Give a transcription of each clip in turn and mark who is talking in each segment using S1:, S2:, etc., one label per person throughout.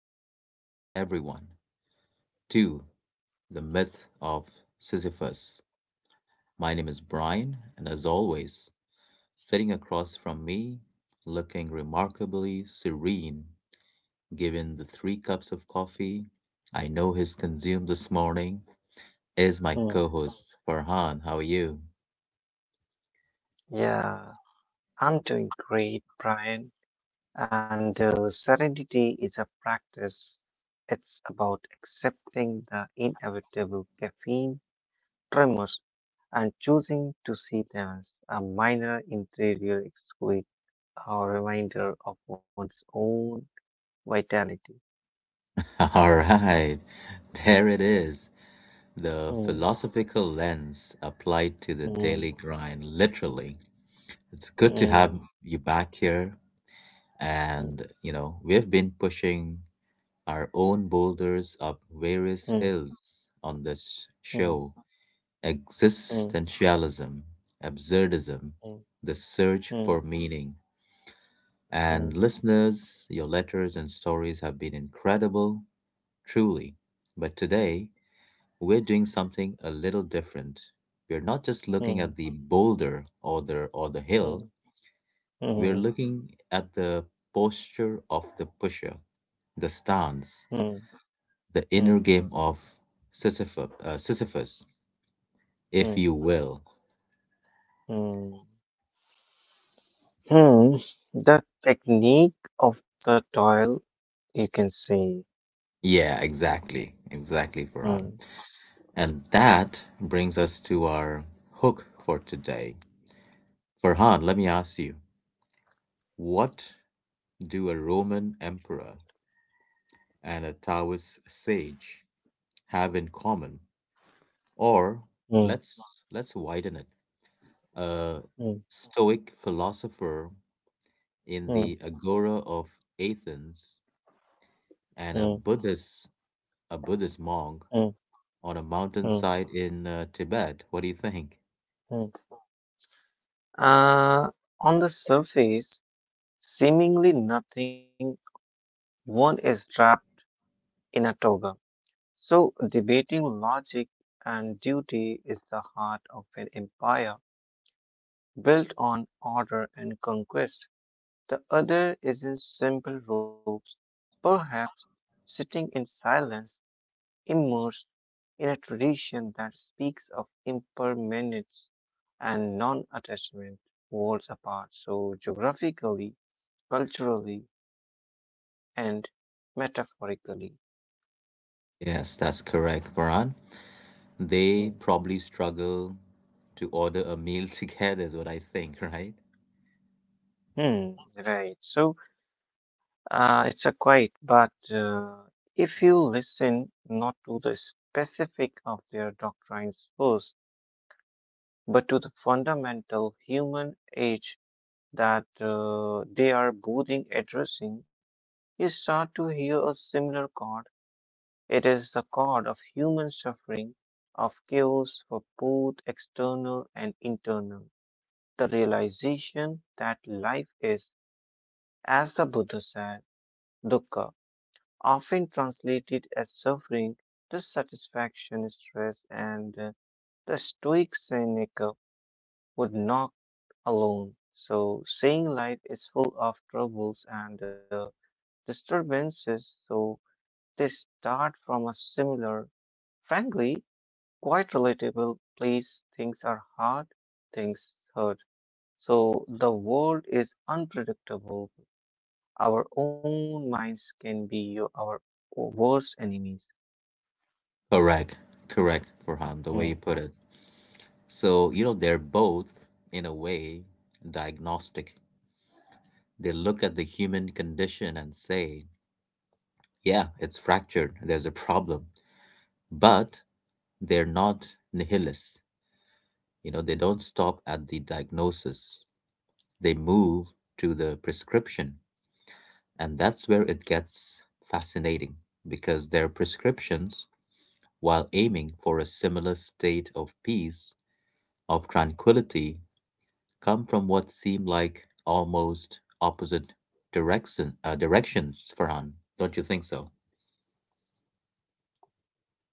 S1: back, everyone, to the myth of Sisyphus. My name is Brian, and as always, sitting across from me, looking remarkably serene, given the three cups of coffee I know he's consumed this morning, is my
S2: Hmm.
S1: co host, Farhan. How are you?
S2: Yeah, I'm doing great, Brian. And serenity is a practice. It's about accepting the inevitable caffeine tremors and choosing to see them as a minor interior squeak or reminder of one's own vitality.
S1: All right, there it is. The
S2: Hmm,
S1: philosophical lens applied to the
S2: hmm,
S1: daily grind, literally. It's good to have
S2: hmm,
S1: you back here. And, you know, we've been pushing our own boulders up various
S2: hmm,
S1: hills on this
S2: hmm,
S1: show
S2: hmm,
S1: existentialism, absurdism,
S2: hmm,
S1: the search
S2: hmm,
S1: for meaning.
S2: hmm,
S1: And listeners, your letters and stories have been incredible, truly. But today, we're doing something a little different. We're not just looking at
S2: hmm,
S1: the boulder or the
S2: hmm,
S1: hill.
S2: hmm,
S1: We're
S2: hmm,
S1: looking at the posture of the pusher, the stance,
S2: hmm,
S1: the
S2: hmm,
S1: inner game of Sisyphus if
S2: hmm,
S1: you will.
S2: hmm. Hmm, The technique of the toil, you can say.
S1: Yeah, exactly. Exactly, Farhan.
S2: Hmm,
S1: And that brings us to our hook for today. Farhan, let me ask you what do a Roman emperor and a Taoist sage have in common? Or
S2: hmm,
S1: let's widen it. A
S2: hmm,
S1: Stoic philosopher in
S2: hmm,
S1: the agora of Athens,
S2: hmm,
S1: and a Buddhist monk
S2: hmm,
S1: on a
S2: hmm,
S1: mountainside in Tibet. What do you think?
S2: hmm. Uh, on the surface, seemingly nothing, one is trapped in a toga. So, debating logic and duty is the heart of an empire built on order and conquest. The other is in simple robes, perhaps sitting in silence immersed in a tradition that speaks of impermanence and non attachment, worlds apart. So, geographically, culturally, and metaphorically.
S1: Yes, that's correct, Varan.
S2: Hmm.
S1: They probably struggle to order a meal together, is what I think, right?
S2: Hmm, right. So, it's a quite, but if you listen not to the specific of their doctrines first, but to the fundamental human age that they are both addressing you start to hear a similar chord. It is the chord of human suffering, of chaos for both external and internal. The realization that life is, as the Buddha said, dukkha, often translated as suffering, dissatisfaction, stress, and the Stoic Seneca would not alone. So, saying life is full of troubles and disturbances, so they start from a similar, frankly, quite relatable place. Things are hard, things hurt. So the world is unpredictable. Our own minds can be our worst enemies.
S1: Correct, correct, Farhan, the way
S2: Hmm.
S1: you put it. So, you know, they're both, in a way, diagnostic. They look at the human condition and say, yeah, it's fractured, there's a problem. But they're not nihilists. You know, they don't stop at the diagnosis, they move to the prescription. And that's where it gets fascinating because their prescriptions, while aiming for a similar state of peace, of tranquility, come from what seem like almost opposite directions, Farhan. Don't you think so?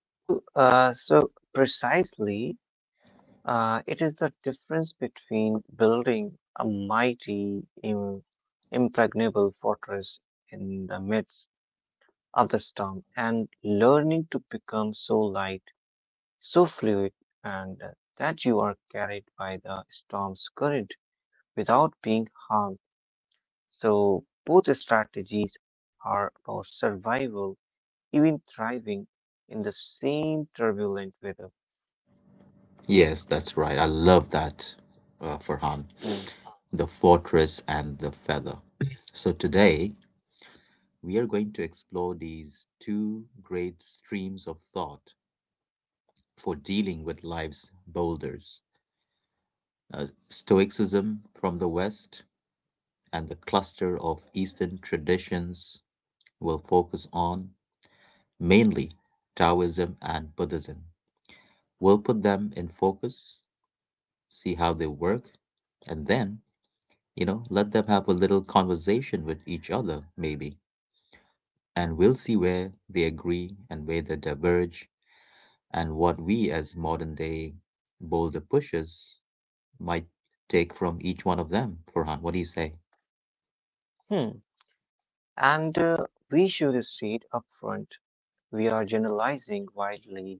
S2: So precisely, it is the difference between building a mighty, impregnable fortress in the midst of the storm and learning to become so light so fluid and that you are carried by the storm's current without being harmed. So, both strategies are about survival, even thriving in the same turbulent weather.
S1: Yes, that's right. I love that, Farhan.
S2: Mm.
S1: The fortress and the feather. So today, we are going to explore these two great streams of thought for dealing with life's boulders Stoicism from the West and the cluster of Eastern traditions will focus on mainly Taoism and Buddhism. We'll put them in focus, see how they work, and then, you know, let them have a little conversation with each other, maybe. And we'll see where they agree and where they diverge and what we as modern day boulder pushers might take from each one of them, Farhan. What do you say?
S2: Hmm. And We should state upfront we are generalizing widely.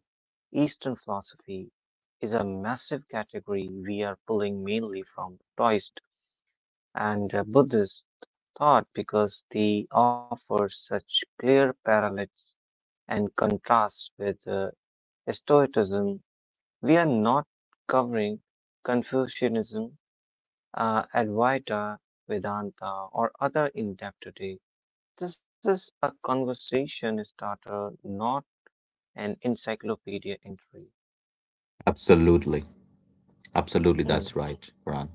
S2: Eastern philosophy is a massive category we are pulling mainly from Taoist and Buddhist thought because they offer such clear parallels and contrasts with Stoicism. We are not covering Confucianism, Advaita, Vedanta, or other in depth today. This is a conversation starter, not an encyclopedia entry.
S1: Absolutely. Absolutely,
S2: Hmm,
S1: that's right, Farhan.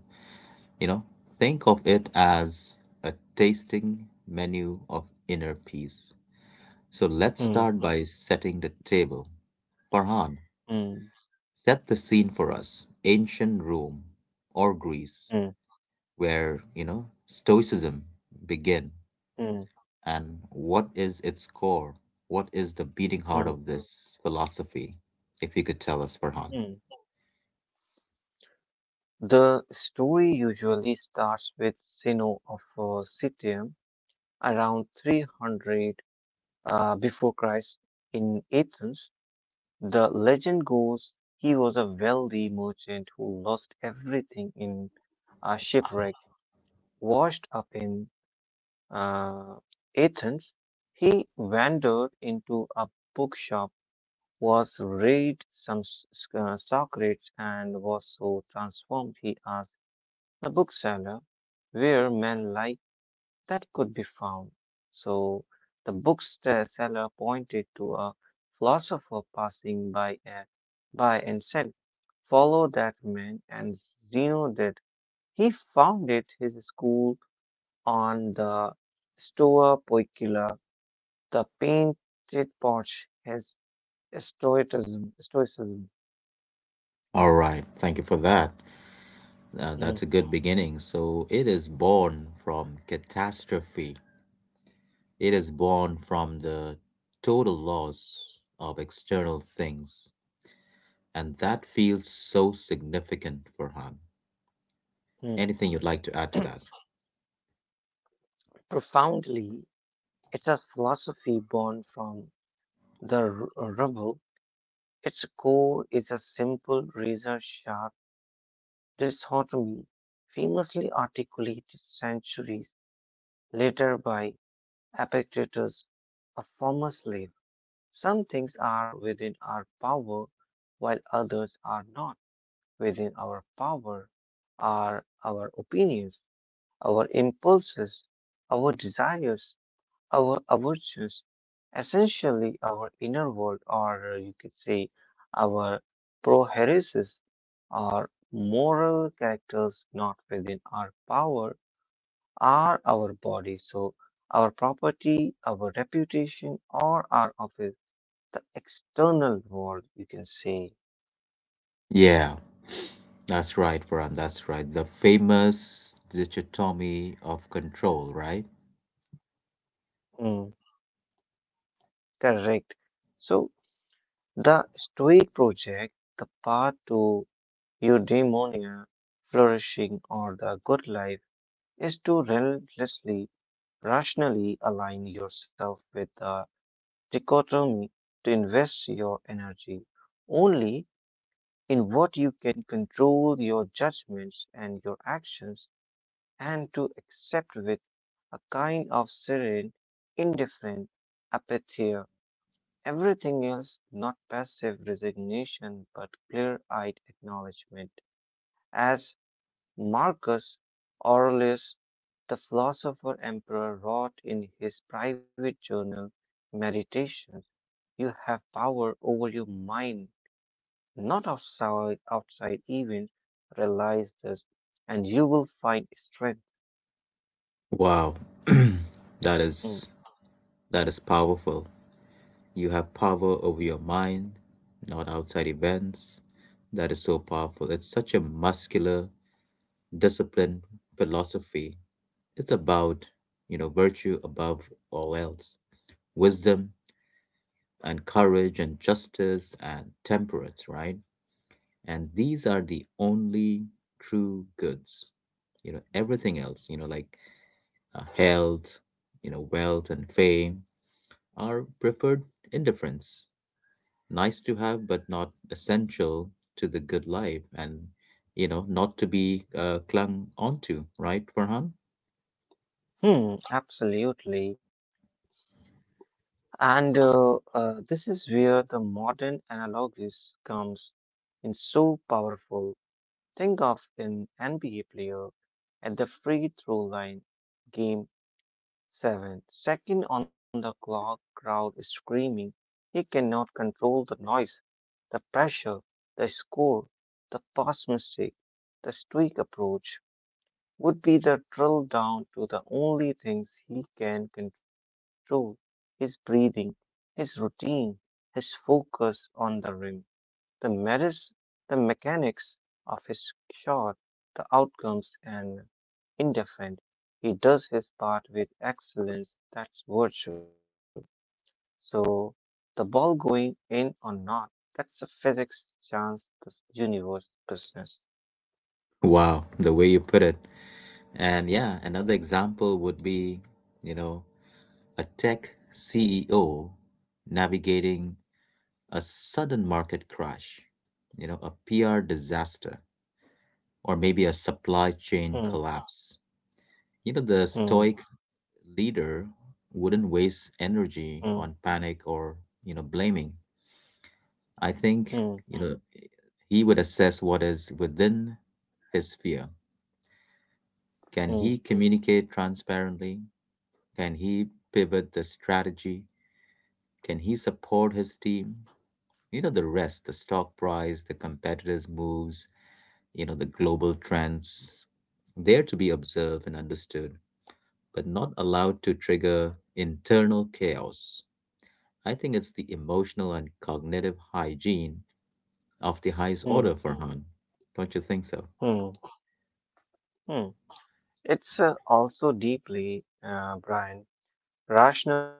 S1: You know, think of it as a tasting menu of inner peace. So let's
S2: hmm,
S1: start by setting the table. Farhan,
S2: hmm,
S1: set the scene for us. Ancient Rome or Greece,
S2: hmm,
S1: where, you know, Stoicism began.
S2: hmm,
S1: And what is its core? What is the beating heart
S2: hmm,
S1: of this philosophy? If you could tell us, Farhan.
S2: hmm. The story usually starts with Zeno of Citium around 300 before Christ in Athens. The legend goes he was a wealthy merchant who lost everything in a shipwreck. Washed up in uh, Athens, he wandered into a bookshop, was read some Socrates, and was so transformed he asked the bookseller where men lie that could be found. So the bookseller pointed to a philosopher passing by and said, "Follow that man." And Zeno did. He founded his school on the Stoa Poikila, the painted porch, his stoicism.
S1: All right, thank you for that. That's a
S2: Mhm.
S1: good beginning. So it is born from catastrophe. It is born from the total loss of external things. And that feels so significant, Farhan. Anything you'd like to add to that?
S2: Profoundly, it's a philosophy born from the rubble. Its core is a simple, razor sharp dichotomy, famously articulated centuries later by Epictetus, a former slave. Some things are within our power, while others are not. Within our power are our opinions, our impulses, our desires, our aversions, essentially our inner world, or you could say our proheresis. Our moral characters not within our power are our bodies, so our property, our reputation, or our office, the external world, you can say.
S1: Yeah, that's right, Farhan. That's right. The famous dichotomy of control, right?
S2: Mm, Correct. So the Stoic project, the path to eudaimonia, flourishing, or the good life, is to relentlessly, rationally align yourself with the dichotomy to invest your energy only in what you can control your judgments and your actions and to accept with a kind of serene, indifferent apathy everything else, not passive resignation but clear eyed acknowledgement. As Marcus Aurelius, the philosopher emperor, wrote in his private journal, Meditations. You have power over your mind, not outside events. Realize this, and you will find strength.
S1: Wow. That
S2: Mm,
S1: is that is powerful. You have power over your mind, not outside events. That is so powerful. It's such a muscular, disciplined philosophy. It's about, you know, virtue above all else. Wisdom and courage and justice and temperance, right? And these are the only true goods. You know, everything else, you know, like health, you know, wealth and fame are preferred indifference, nice to have but not essential to the good life, and you know, not to be clung onto, right, Farhan?
S2: Absolutely. And this is where the modern analogies comes in so powerful. Think of an NBA player at the free throw line, game seven, second on the clock, crowd is screaming. He cannot control the noise. The pressure, the score, the past mistake, the streak approach would be the drill down to the only things he can control his breathing, his routine, his focus on the rim, the merits, the mechanics of his shot, the outcomes, and indifferent. He does his part with excellence. That's virtue. So the ball going in or not, that's a physics, chance, this universe, business.
S1: Wow, the way you put it. And yeah, another example would be, you know, a tech CEO navigating a sudden market crash, you know, a PR disaster, or maybe a supply
S2: Hmm,
S1: chain collapse. You know, the
S2: hmm,
S1: stoic leader wouldn't waste
S2: hmm,
S1: energy on panic or you know blaming. I
S2: hmm,
S1: think you know he would assess what is within his sphere. Can
S2: hmm,
S1: he communicate transparently? Can he pivot the strategy? Can he support his team? You know the rest, the stock price, the competitors' moves, you know the global trends. There to be observed and understood, but not allowed to trigger internal chaos. I think it's the emotional and cognitive hygiene of the highest
S2: hmm,
S1: order, Farhan. Don't you think so?
S2: hmm, hmm. It's also deeply, Brian, rational.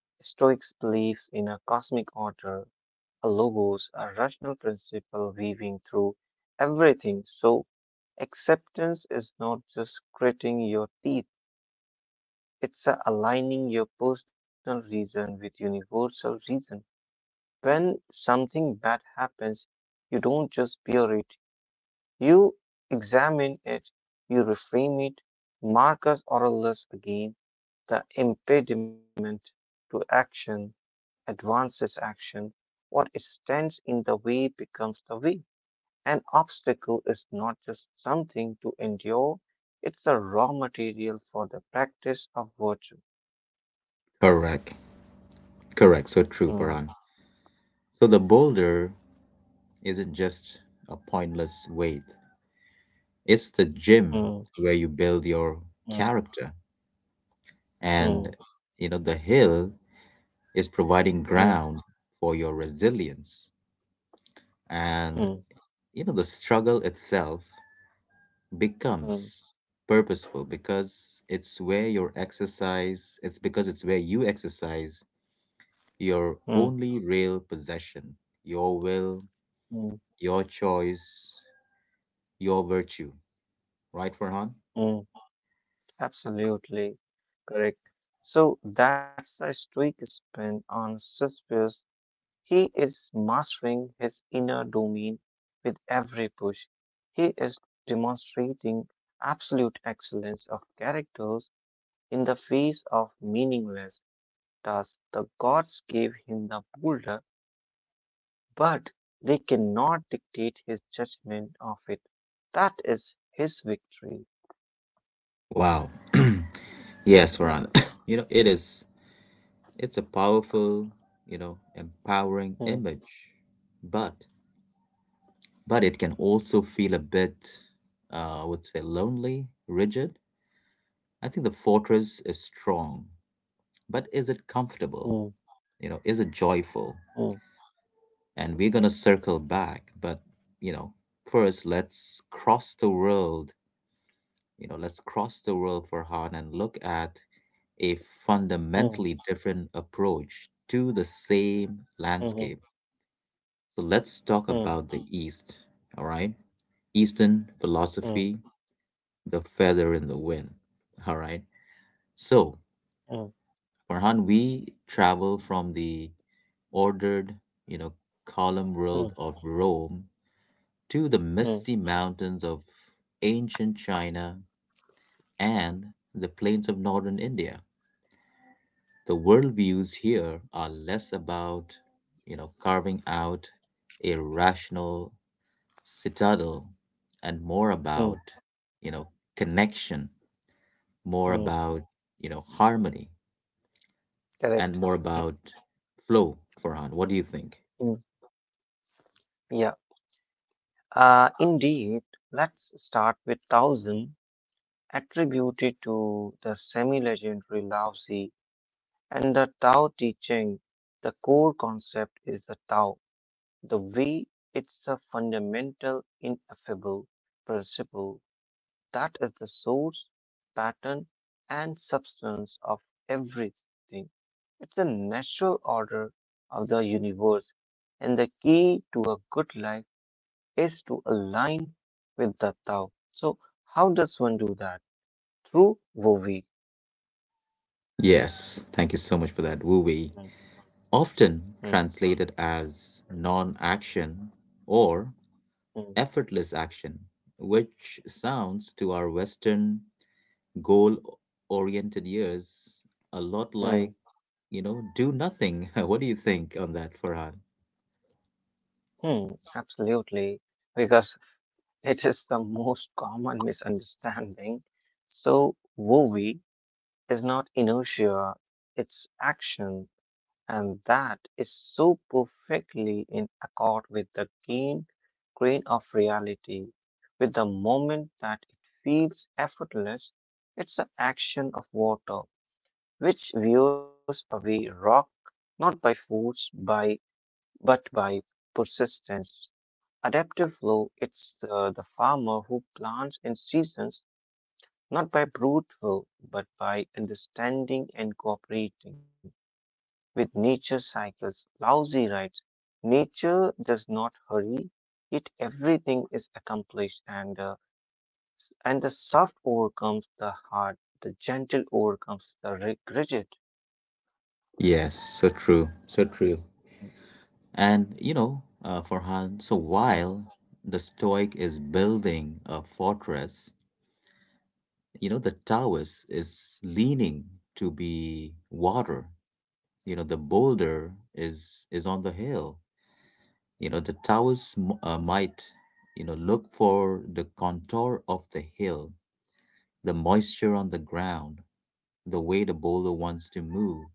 S2: Stoics believes in a cosmic order, a logos, a rational principle weaving through everything. So acceptance is not just gritting your teeth. It's aligning your personal reason with universal reason. When something bad happens, you don't just bear it, you examine it, you reframe it. Marcus Aurelius again, the impediment to action advances action. What stands in the way becomes the way. An obstacle is not just something to endure, it's a raw material for the practice of virtue.
S1: Correct. Correct. So
S2: Mm,
S1: true, Farhan. So the boulder isn't just a pointless weight, it's the gym
S2: mm.
S1: where you build your
S2: Mm,
S1: character.
S2: mm,
S1: And, you know, the hill is providing
S2: mm,
S1: ground for your resilience. And,
S2: mm,
S1: you know, the struggle itself
S2: mm,
S1: becomes purposeful because it's where you exercise your
S2: mm,
S1: only real possession your will
S2: mm,
S1: your choice your virtue right Farhan.
S2: mm. Absolutely correct. So that's a streak spin on Sisyphus. He is mastering his inner domain with every push. He is demonstrating absolute excellence of characters in the face of meaningless tasks. The gods gave him the boulder but they cannot dictate his judgment of it. That is his victory.
S1: Wow. Yes Farhan,
S2: Mm,
S1: you know it is, it's a powerful you know empowering
S2: mm,
S1: image, but it can also feel a bit I would say lonely rigid. I think the fortress is strong but is it
S2: mm,
S1: comfortable? You know, is it
S2: mm,
S1: joyful? And we're going to circle back, but you know, first let's cross the world, for Han and look at a
S2: mm,
S1: fundamentally different approach to the same
S2: mhm,
S1: landscape. So let's
S2: mm,
S1: talk about the East, all right? Eastern
S2: mm,
S1: philosophy, the feather in the wind, all right? So,
S2: mm,
S1: Farhan, we travel from the ordered, you know, column
S2: mm,
S1: world of Rome to the
S2: mm,
S1: misty mountains of ancient China and the plains of northern India. The world views here are less about, you know, carving out a rational citadel and more
S2: mm,
S1: about, you know, connection, more
S2: mm.
S1: about, you know, harmony
S2: Correct.
S1: and more about flow, Farhan. What do you think?
S2: Mm, Yeah. Indeed, let's start with Taoism, attributed to the semi legendary Lao Tzu and the Tao teaching. The core concept is the Tao, the way. It's a fundamental, ineffable principle that is the source, pattern, and substance of everything. It's the natural order of the universe, and the key to a good life is to align with the Tao. So, how does one do that? Through Vovi.
S1: Yes, thank you so much for that, Wu Wei.
S2: Mm,
S1: Often
S2: mm,
S1: translated as non action or
S2: mm,
S1: effortless action, which sounds to our Western goal oriented ears a lot like,
S2: mm,
S1: you know, do nothing. What do you think on that, Farhan?
S2: Absolutely. Because it is the most common misunderstanding. So, Wovi is not inertia, it's action, and that is so perfectly in accord with the keen grain of reality. With the moment that it feels effortless, it's the action of water, which veers away rock not by force by but by persistence. Adaptive flow, it's the farmer who plants in seasons, not by brute will, but by understanding and cooperating with nature's cycles. Lousy writes, nature does not hurry, yet everything is accomplished and and the soft overcomes the hard, the gentle overcomes the rigid.
S1: Yes, so true, so true.
S2: Mm,
S1: And, you know, Farhan, so
S2: mm.
S1: while the Stoic is building a fortress, you know the Taoist is leaning to be water. You know the boulder is on the hill. You know the Taoist might, you know, look for the contour of the hill, the moisture on the ground, the way the boulder wants to move.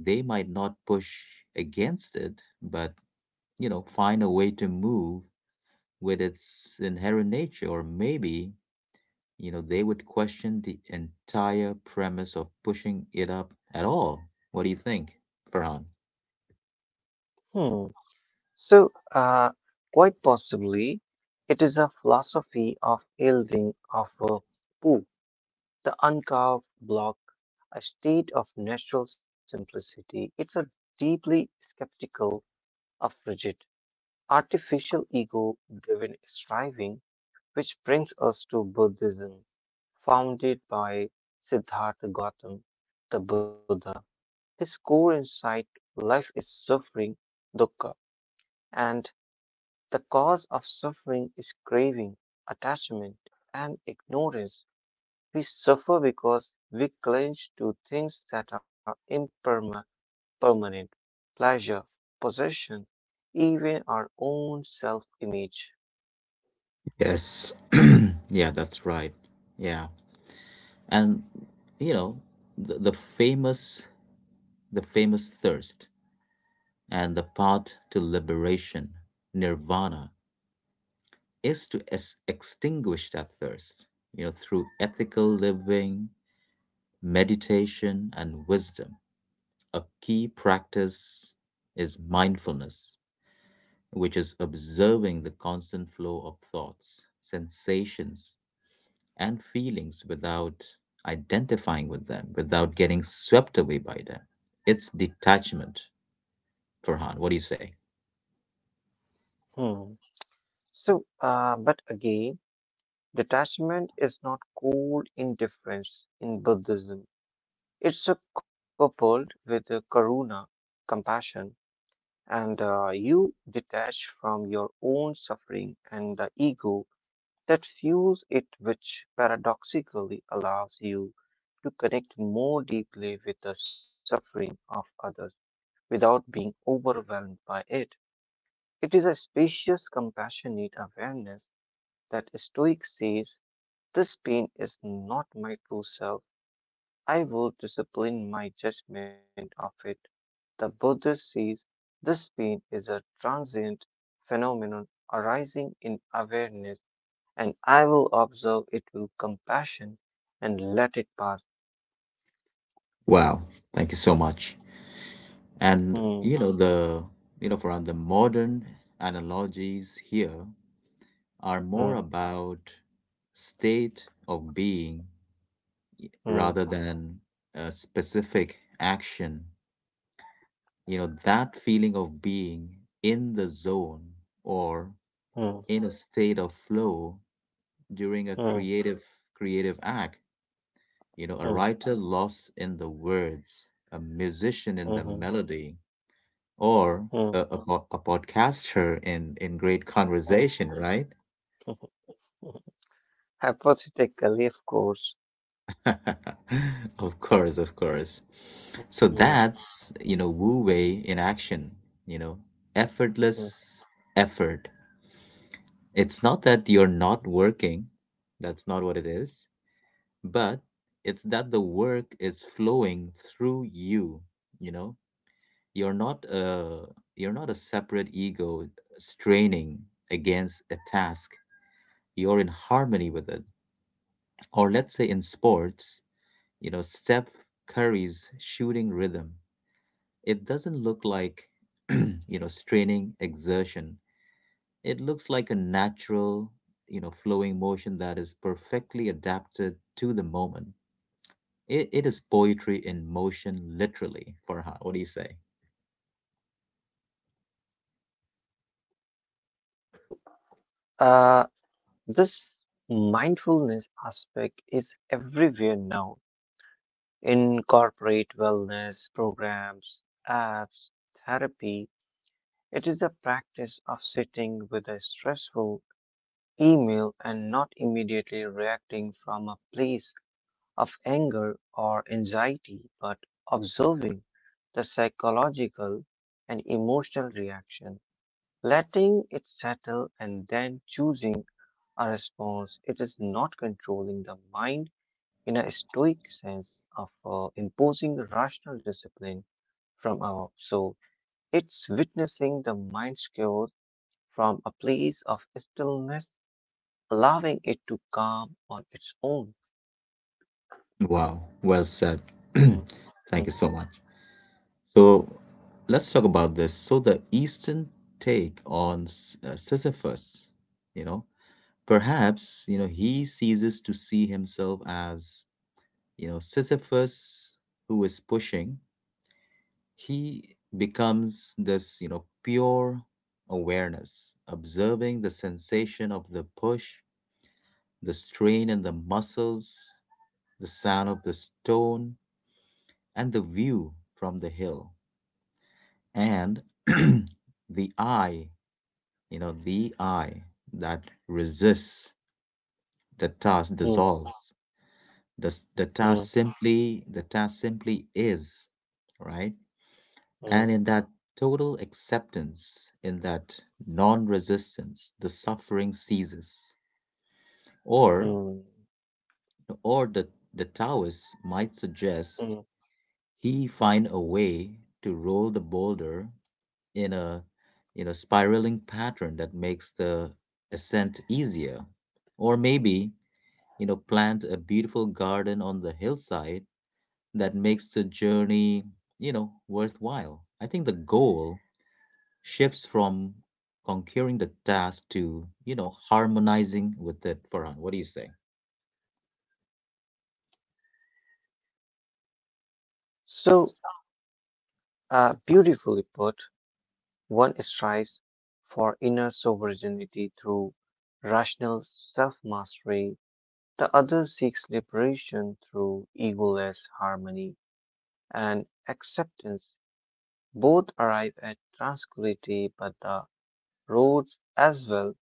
S1: They might not push against it but, you know, find a way to move with its inherent nature or maybe, you know, they would question the entire premise of pushing it up at all. What do you think, Farhan?
S2: Hmm. So, quite possibly, it is a philosophy of yielding of poo. The uncarved block, a state of natural simplicity, it's a deeply skeptical of rigid, artificial ego driven striving, which brings us to Buddhism, founded by Siddhartha Gautam, the Buddha. His core insight life is suffering, dukkha, and the cause of suffering is craving, attachment, and ignorance. We suffer because we cling to things that are impermanent, permanent, pleasure, possession, even our own self-image.
S1: Yes. Yeah, that's right. Yeah. And you know, the, the famous the famous thirst and the path to liberation, nirvana, is to extinguish that thirst, you know, through ethical living, meditation and wisdom. A key practice is mindfulness which is observing the constant flow of thoughts, sensations, and feelings without identifying with them, without getting swept away by them. It's detachment, Farhan. What do you say?
S2: Hmm. So, but again, detachment is not cold indifference in Buddhism. It's a coupled with a karuna, compassion, and you detach from your own suffering and the ego that fuels it, which paradoxically allows you to connect more deeply with the suffering of others without being overwhelmed by it. It is a spacious, compassionate awareness that Stoic says this pain is not my true self. I will discipline my judgment of it. The Buddhist says this pain is a transient phenomenon arising in awareness and I will observe it with compassion and let it pass.
S1: Wow, thank you so much.
S2: Hmm,
S1: And you know Farhan, the modern analogies here are
S2: hmm,
S1: more about state of being
S2: hmm,
S1: rather than a specific action. You know, that feeling of being in the zone or
S2: hmm,
S1: in a state of flow during a
S2: hmm,
S1: creative act. You know, a
S2: hmm,
S1: writer lost in the words, a
S2: hmm,
S1: musician in
S2: hmm,
S1: the melody, or
S2: hmm,
S1: a podcaster in great conversation, right?
S2: hmm, hmm. Hypothetically, of course.
S1: Of course, of course. So
S2: Hmm,
S1: that's, you know, Wu Wei in action, you know,
S2: hmm.
S1: effortless effort. It's not that you're not working, that's not what it is, but it's that the work is flowing through you, you know? You're not a you're not a separate ego straining against a task. You're in harmony with it. Or let's say in sports, you know, Steph Curry's shooting rhythm. It doesn't look like, you know, straining exertion. It looks like a natural, you know, flowing motion that is perfectly adapted to the moment. It is poetry in motion, literally, Farhan. What do you say?
S2: So, uh, this mindfulness aspect is everywhere now in corporate wellness programs, apps, therapy. It is a practice of sitting with a stressful email and not immediately reacting from a place of anger or anxiety, but observing the psychological and emotional reaction, letting it settle, and then choosing a response. It is not controlling the mind in a stoic sense of imposing rational discipline from above. So it's witnessing the mind's chaos from a place of stillness allowing it to calm on its own.
S1: Wow, well said.
S2: Mm,
S1: Thank you
S2: mm,
S1: so much. So let's talk about this. So the Eastern take on Sisyphus, you know, perhaps, you know, he ceases to see himself as, you know, Sisyphus who is pushing. He becomes this, you know, pure awareness, observing the sensation of the push, the strain in the muscles, the sound of the stone, and the view from the hill. And the eye, the eye that resists the task
S2: mm,
S1: dissolves. The, s- the task
S2: mm,
S1: simply, the task simply is, right? And
S2: mm,
S1: in that total acceptance, in that non resistance, the suffering ceases. Or,
S2: mm,
S1: or the Taoist might suggest
S2: mm.
S1: he find a way to roll the boulder in a spiraling pattern that makes the ascent easier. Or maybe, you know, plant a beautiful garden on the hillside that makes the journey, you know, worthwhile. I think the goal shifts from conquering the task to, you know, harmonizing with it, Farhan. What do you say?
S2: So beautifully put, one strives for inner sovereignty through rational self mastery, the other seeks liberation through egoless harmony and acceptance. Both arrive at tranquility, but the roads as well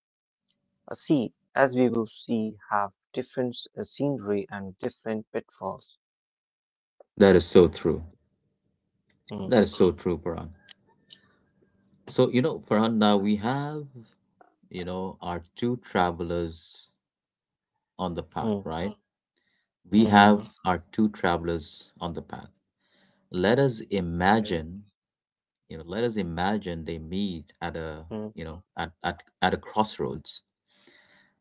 S2: a sea, as we will see, have different scenery and different pitfalls.
S1: That is so true.
S2: Hmm,
S1: That is so true, Farhan. So, you know, Farhan, now we have, you know, our two travelers on the path,
S2: hmm,
S1: right? We
S2: hmm, hmm, hmm,
S1: have our two travelers on the path. Let us
S2: Okay.
S1: imagine, you know, let us imagine they meet at a,
S2: Hmm,
S1: you know, at a crossroads.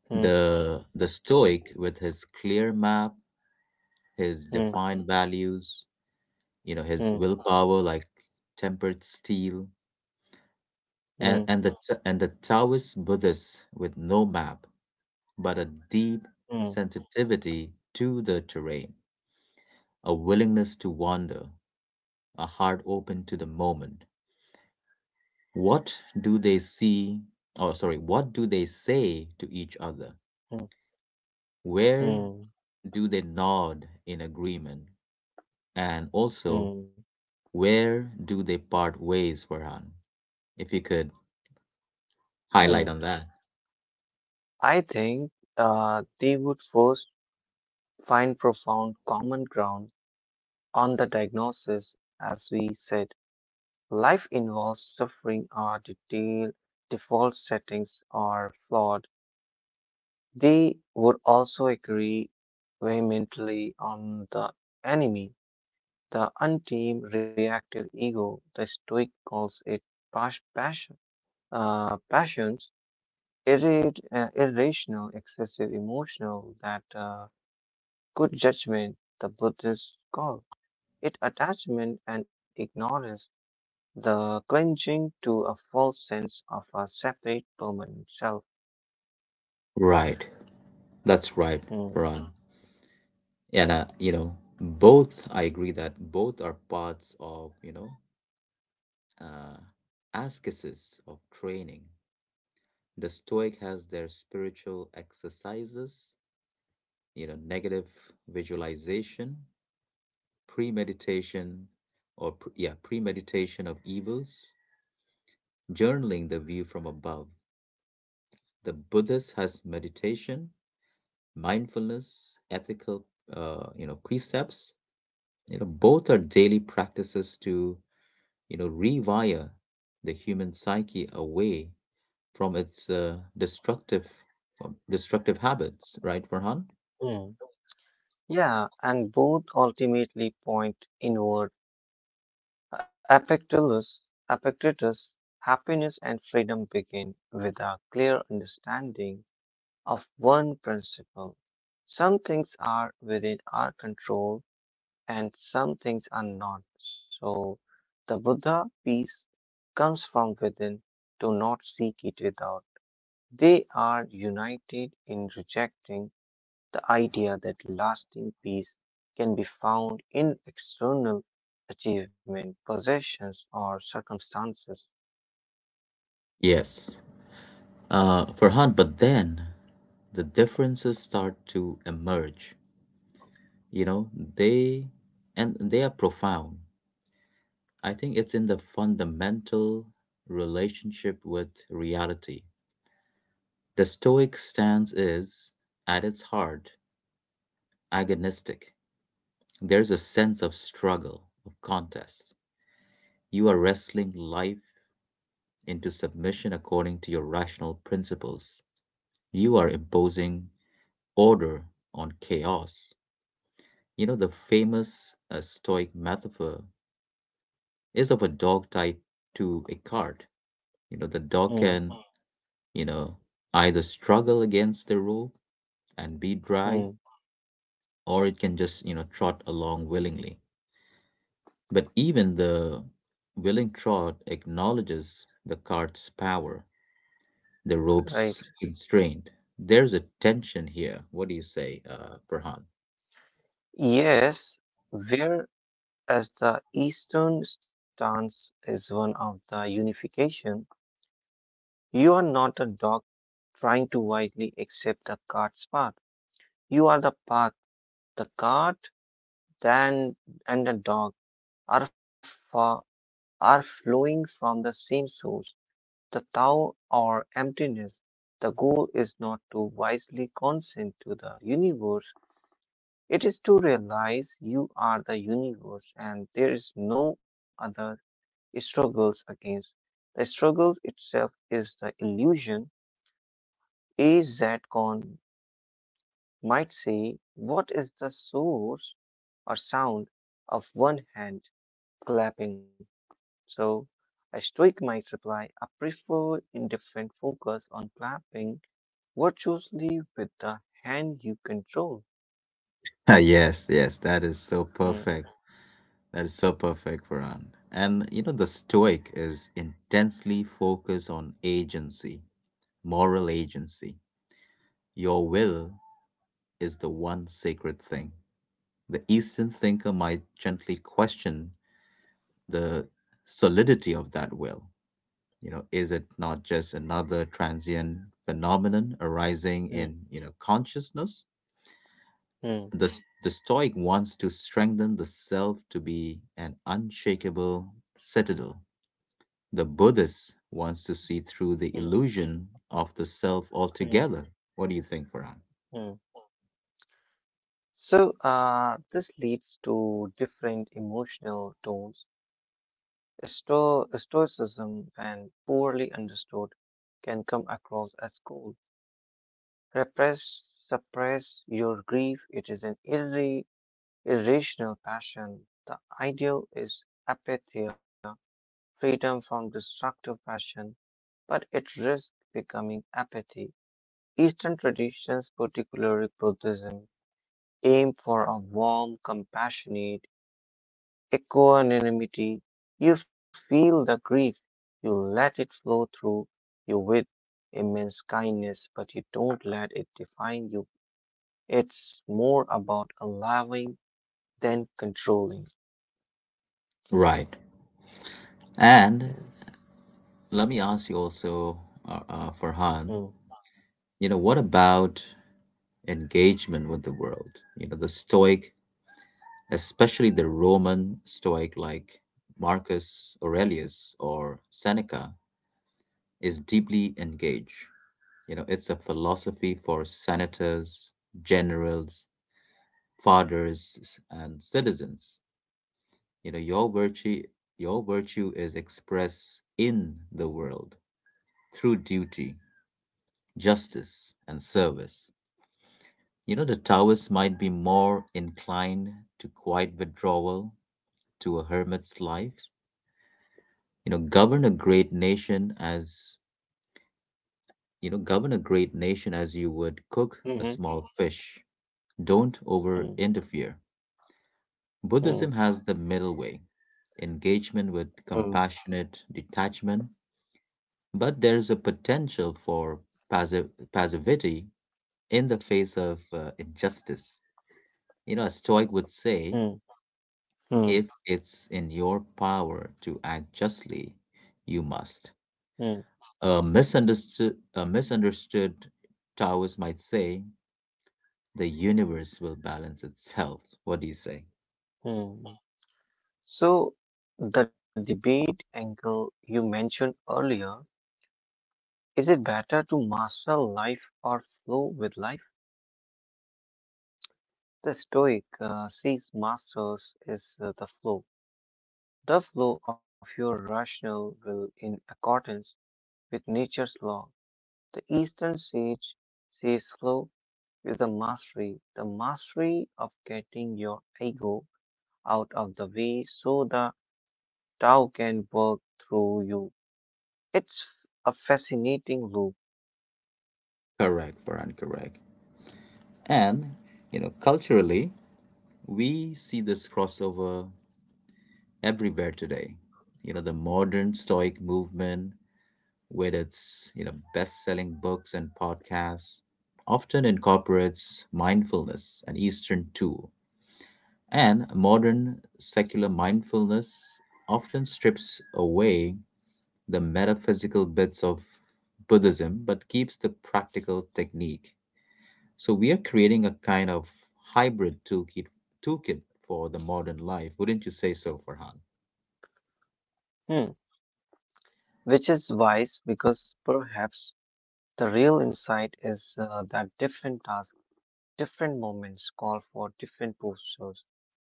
S2: hmm,
S1: The Stoic with his clear map, his
S2: hmm,
S1: defined values, you know, his
S2: hmm,
S1: willpower like tempered steel, and
S2: hmm,
S1: and the Ta- and the Taoist Buddhists with no map but a deep
S2: hmm,
S1: sensitivity to the terrain, a willingness to wander, a heart open to the moment. What do they see? Oh, sorry, what do they say to each other?
S2: hmm,
S1: Where
S2: hmm,
S1: do they nod in agreement? And also,
S2: hmm,
S1: where do they part ways, Farhan, if you could
S2: hmm.
S1: highlight on that?
S2: I think they would first find profound common ground on the diagnosis. As we said, life involves suffering, our detailed default settings are flawed. They would also agree vehemently on the enemy, the untamed reactive ego. The Stoic calls it passion, passions, irrational, excessive emotional, that good judgment, the Buddhists call it attachment and ignorance, the clinging to a false sense of a separate permanent self.
S1: Right. That's right,
S2: Hmm.
S1: Ron. And you know, both I agree that both are parts of, you know, uh ascesis of training. The Stoic has their spiritual exercises, you know, negative visualization, premeditation, or premeditation of evils, journaling the view from above. The Buddhist has meditation, mindfulness, ethical, you know, precepts. You know, both are daily practices to, you know, rewire the human psyche away from its destructive habits, right, Farhan?
S2: Yeah, and both ultimately point inward. Epictetus, Epictetus, happiness and freedom begin with a clear understanding of one principle. Some things are within our control and some things are not. So the Buddha peace comes from within. Do not seek it without. They are united in rejecting the idea that lasting peace can be found in external achievement, possessions, or circumstances.
S1: Yes. Farhan, but then the differences start to emerge. You know, they they are profound. I think it's in the fundamental relationship with reality. The Stoic stance is, at its heart, agonistic. There's a sense of struggle, of contest. You are wrestling life into submission according to your rational principles. You are imposing order on chaos. You know, the famous Stoic metaphor is of a dog tied to a cart. You know, the dog
S2: Hmm,
S1: can, you know, either struggle against the rope and be dragged,
S2: hmm,
S1: or it can just, you know, trot along willingly. But even the willing trot acknowledges the cart's power, the
S2: right.
S1: rope's constraint. There's a tension here. What do you say, Farhan?
S2: Yes, whereas the Eastern stance is one of the unification, you are not a dog trying to wisely accept the cart's path. You are the path. The cart then and the dog are far, are flowing from the same source, the Tao or emptiness. The goal is not to wisely consent to the universe, it is to realize you are the universe and there is no other struggles against. The struggle itself is the illusion. A Zcon might say, what is the source or sound of one hand clapping? So a stoic might reply, I prefer indifferent focus on clapping virtuously with the hand you control.
S1: Ah, yes, yes, that is so
S2: Mm,
S1: perfect. That is so perfect, Farhan. And you know, the Stoic is intensely focused on agency, moral agency. Your will is the one sacred thing. The Eastern thinker might gently question the solidity of that will. You know, is it not just another transient phenomenon arising
S2: mm,
S1: in, you know, consciousness?
S2: mm,
S1: The Stoic wants to strengthen the self to be an unshakable citadel. The Buddhist wants to see through the
S2: mm,
S1: illusion of the self
S2: mm,
S1: altogether. What do you think, Farhan?
S2: mm. So, this leads to different emotional tones. Stoicism, when poorly understood, can come across as cold. Repress, suppress your grief. It is an irrational passion. The ideal is apatheia, freedom from destructive passion, but it risks becoming apathy. Eastern traditions, particularly Buddhism, aim for a warm, compassionate equanimity. You feel the grief, you let it flow through you with immense kindness, but you don't let it define you. It's more about allowing than controlling.
S1: Right.
S2: Mm,
S1: And let me ask you also, Farhan,
S2: mm,
S1: you know, what about engagement with the world? You know, the Stoic, especially the Roman Stoic like Marcus Aurelius or Seneca, is deeply engaged. You know, it's a philosophy for senators, generals, fathers, and citizens. You know, your virtue is expressed in the world through duty, justice, and service. You know, the Taoists might be more inclined to quiet withdrawal, to a hermit's life. You know, govern a great nation as you would cook
S2: mhm,
S1: a small fish. Don't
S2: mm,
S1: over interfere.
S2: mm,
S1: Buddhism has the middle way, engagement with
S2: mm,
S1: compassionate detachment, but there is a potential for passive passivity in the face of injustice. You know, a Stoic would say,
S2: mm, mm,
S1: if it's in your power to act justly, you must.
S2: mm,
S1: A misunderstood Taoist might say, the universe will balance itself. What do you say?
S2: mm. So, the debate angle you mentioned earlier. Is it better to master life or flow with life? The Stoic sees masters is the flow of your rational will in accordance with nature's law. The Eastern sage sees flow is a mastery, the mastery of getting your ego out of the way so the Tao can work through you. It's a fascinating loop.
S1: Correct, Farhan, correct. And, you know, culturally, we see this crossover everywhere today. You know, the modern Stoic movement, with its, you know, best-selling books and podcasts, often incorporates mindfulness, an eastern tool, and modern secular mindfulness often strips away the metaphysical bits of Buddhism but keeps the practical technique. So we are creating a kind of hybrid toolkit for the modern life, wouldn't you say so, Farhan?
S2: hmm, which is wise because perhaps the real insight is that different tasks, different moments call for different postures.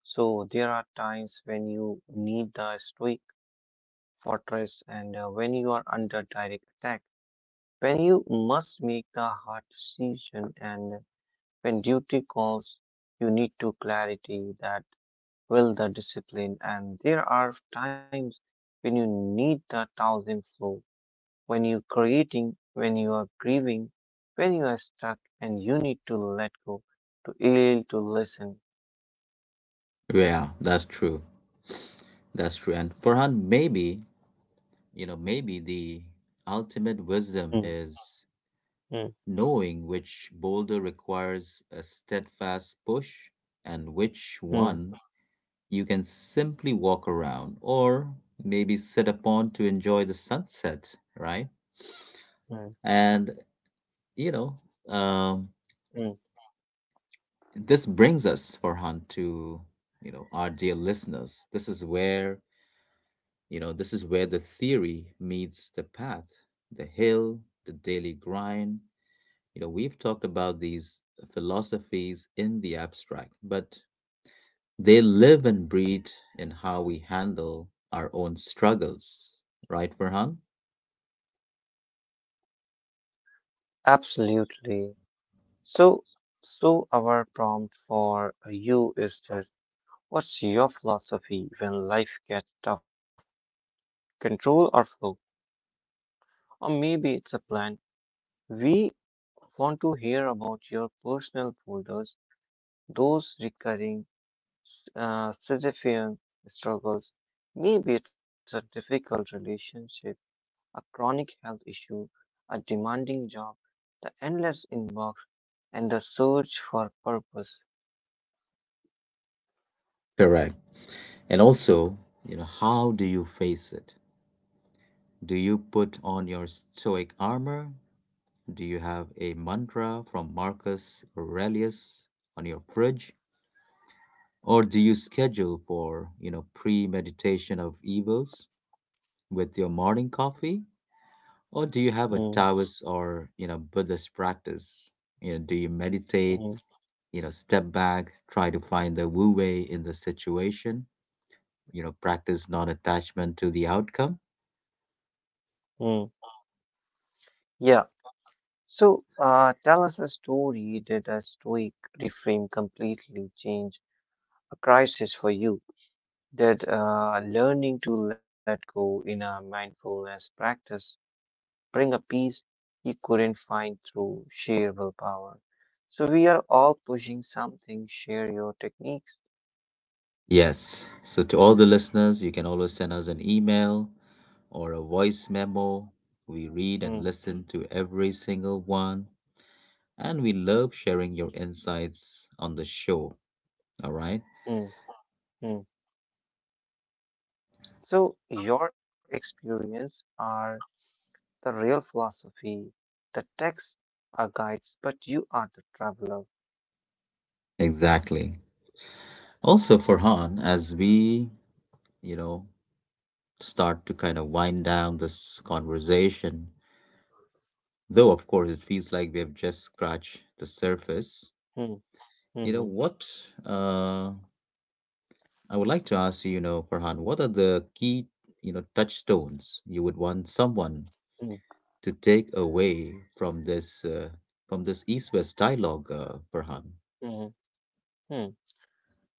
S2: So there are times when you need the stoic fortress and when you are under direct attack, when you must make the hard decision and when duty calls, you need to clarity that will the discipline, and there are times when you need the thousand flow, when you're creating, when you are grieving, when you are stuck and you need to let go, to heal, to listen.
S1: Yeah, that's true. That's true. And Farhan, maybe, you know, maybe the ultimate wisdom
S2: Mm,
S1: is
S2: mm,
S1: knowing which boulder requires a steadfast push and which
S2: mm,
S1: one you can simply walk around, or maybe sit upon to enjoy the sunset, right?
S2: mm,
S1: And, you know, um,
S2: mm.
S1: this brings us, Farhan, to, you know, our dear listeners. This is where, you know, this is where the theory meets the path, the hill, the daily grind. You know, we've talked about these philosophies in the abstract, but they live and breathe in how we handle our own struggles, right, Farhan?
S2: Absolutely. So, so, our prompt for you is just, what's your philosophy when life gets tough? Control or flow? Or maybe it's a plan. We want to hear about your personal folders, those recurring Sisyphean struggles, maybe it's a difficult relationship, a chronic health issue, a demanding job, the endless inbox, and the search for purpose.
S1: Correct. And also, you know, how do you face it? Do you put on your stoic armor? Do you have a mantra from Marcus Aurelius on your fridge? Or do you schedule for, you know, premeditation of evils with your morning coffee? Or do you have a
S2: Mm,
S1: Taoist or, you know, Buddhist practice? You know, do you meditate,
S2: mm,
S1: you know, step back, try to find the Wu Wei in the situation, you know, practice non attachment to the outcome?
S2: mm. Yeah. So, tell us a story. Did a stoic reframe completely change a crisis for you? Did learning to let go in a mindfulness practice bring a peace he couldn't find through sheer willpower. So we are all pushing something, share your techniques.
S1: Yes. So, to all the listeners, you can always send us an email or a voice memo. We read
S2: Mm,
S1: and listen to every single one, and we love sharing your insights on the show. All right.
S2: mm, mm. So your experience are the real philosophy. The texts are guides, but you are the traveler.
S1: Exactly. Also, Farhan, as we, you know, start to kind of wind down this conversation. Though, of course, it feels like we have just scratched the surface.
S2: Mm,
S1: You know,
S2: mm,
S1: what uh, I would like to ask you, you know, Farhan, what are the key, you know, touchstones you would want someone
S2: mm,
S1: to take away from this, from this East-West dialogue, Farhan?
S2: mm, mm.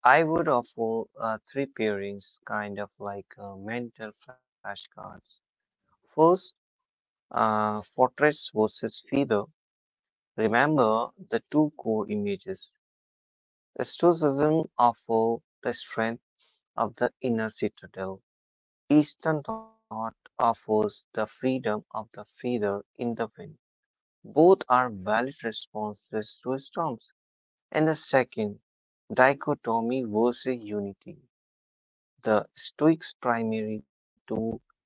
S2: I would offer three pairings, kind of like mental flashcards. First, fortress versus fever. Remember the two core images. The Stoicism offers the strength of the inner citadel. Eastern thought offers the freedom of the feather in the wind. Both are valid responses to storms. And the second, dichotomy versus unity. The Stoics' primary tool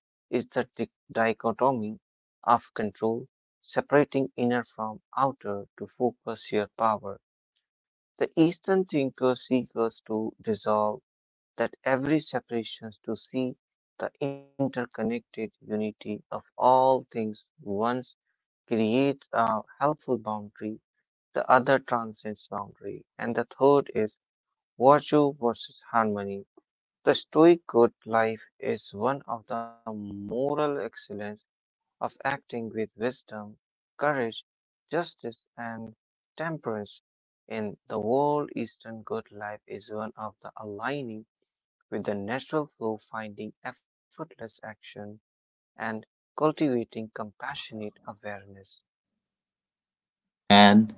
S2: is the dichotomy of control, separating inner from outer to focus your power. The Eastern thinker seeks to dissolve that every separation to see the interconnected unity of all things. Once creates a helpful boundary, the other transcends boundary, and the third is virtue versus harmony. The Stoic good life is one of the moral excellence of acting with wisdom, courage, justice, and temperance. In the world, Eastern good life is one of the aligning with the natural flow, finding effortless action, and cultivating compassionate awareness.
S1: And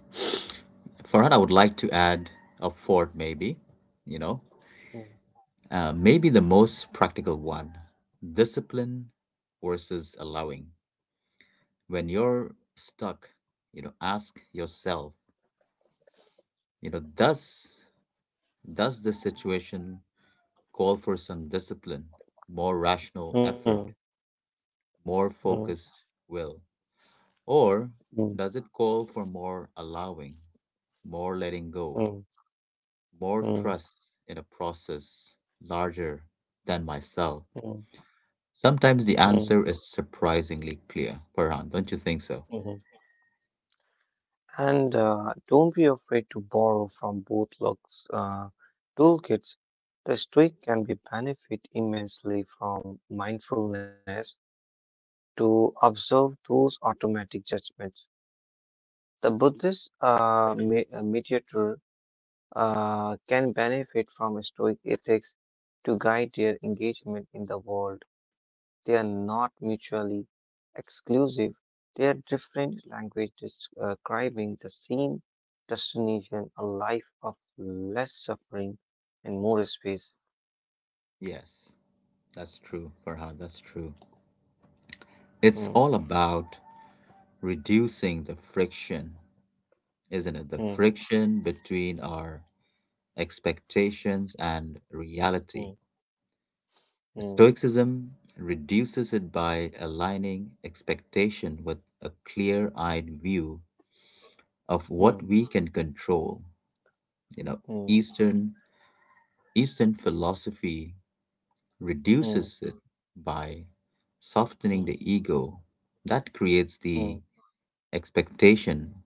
S1: Farhan, I would like to add a fourth, maybe, you know,
S2: Mm,
S1: Maybe the most practical one, discipline versus allowing. When you're stuck, you know, ask yourself, you know, does the situation call for some discipline, more rational
S2: mm,
S1: effort, more
S2: mm,
S1: focused will, or
S2: mm,
S1: does it call for more allowing, more letting go,
S2: mm,
S1: more
S2: mm,
S1: trust in a process larger than myself?
S2: mm,
S1: Sometimes the
S2: mm,
S1: answer is surprisingly clear, Farhan, don't you think so?
S2: mm, And don't be afraid to borrow from both looks, toolkits. The streak can be benefit immensely from mindfulness to observe those automatic judgments. The Buddhist mediator can benefit from Stoic ethics to guide their engagement in the world. They are not mutually exclusive. They are different language describing the same destination, a life of less suffering and more space.
S1: Yes, that's true, Farhan, that's true.
S2: Hmm,
S1: It's all about reducing the friction, isn't it? The
S2: hmm,
S1: friction between our expectations and
S2: hmm,
S1: reality.
S2: hmm,
S1: Stoicism reduces it by aligning expectation with a clear eyed view of
S2: hmm,
S1: what we can control. You know,
S2: hmm,
S1: Eastern Eastern philosophy
S2: hmm,
S1: reduces it by
S2: hmm,
S1: softening the ego that creates
S2: hmm,
S1: the expectation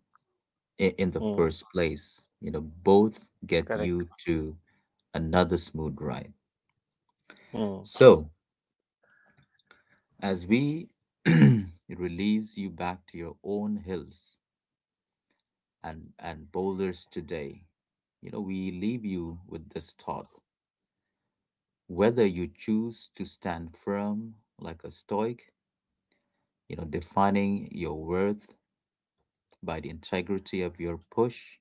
S1: in the
S2: hmm.
S1: first place. You know, both get
S2: Correct.
S1: you to another smooth ride.
S2: Hmm,
S1: So, as we release you back to your own hills and boulders today, you know, we leave you with this thought. Whether you choose to stand firm like a stoic, you know, defining your worth by the integrity of your push,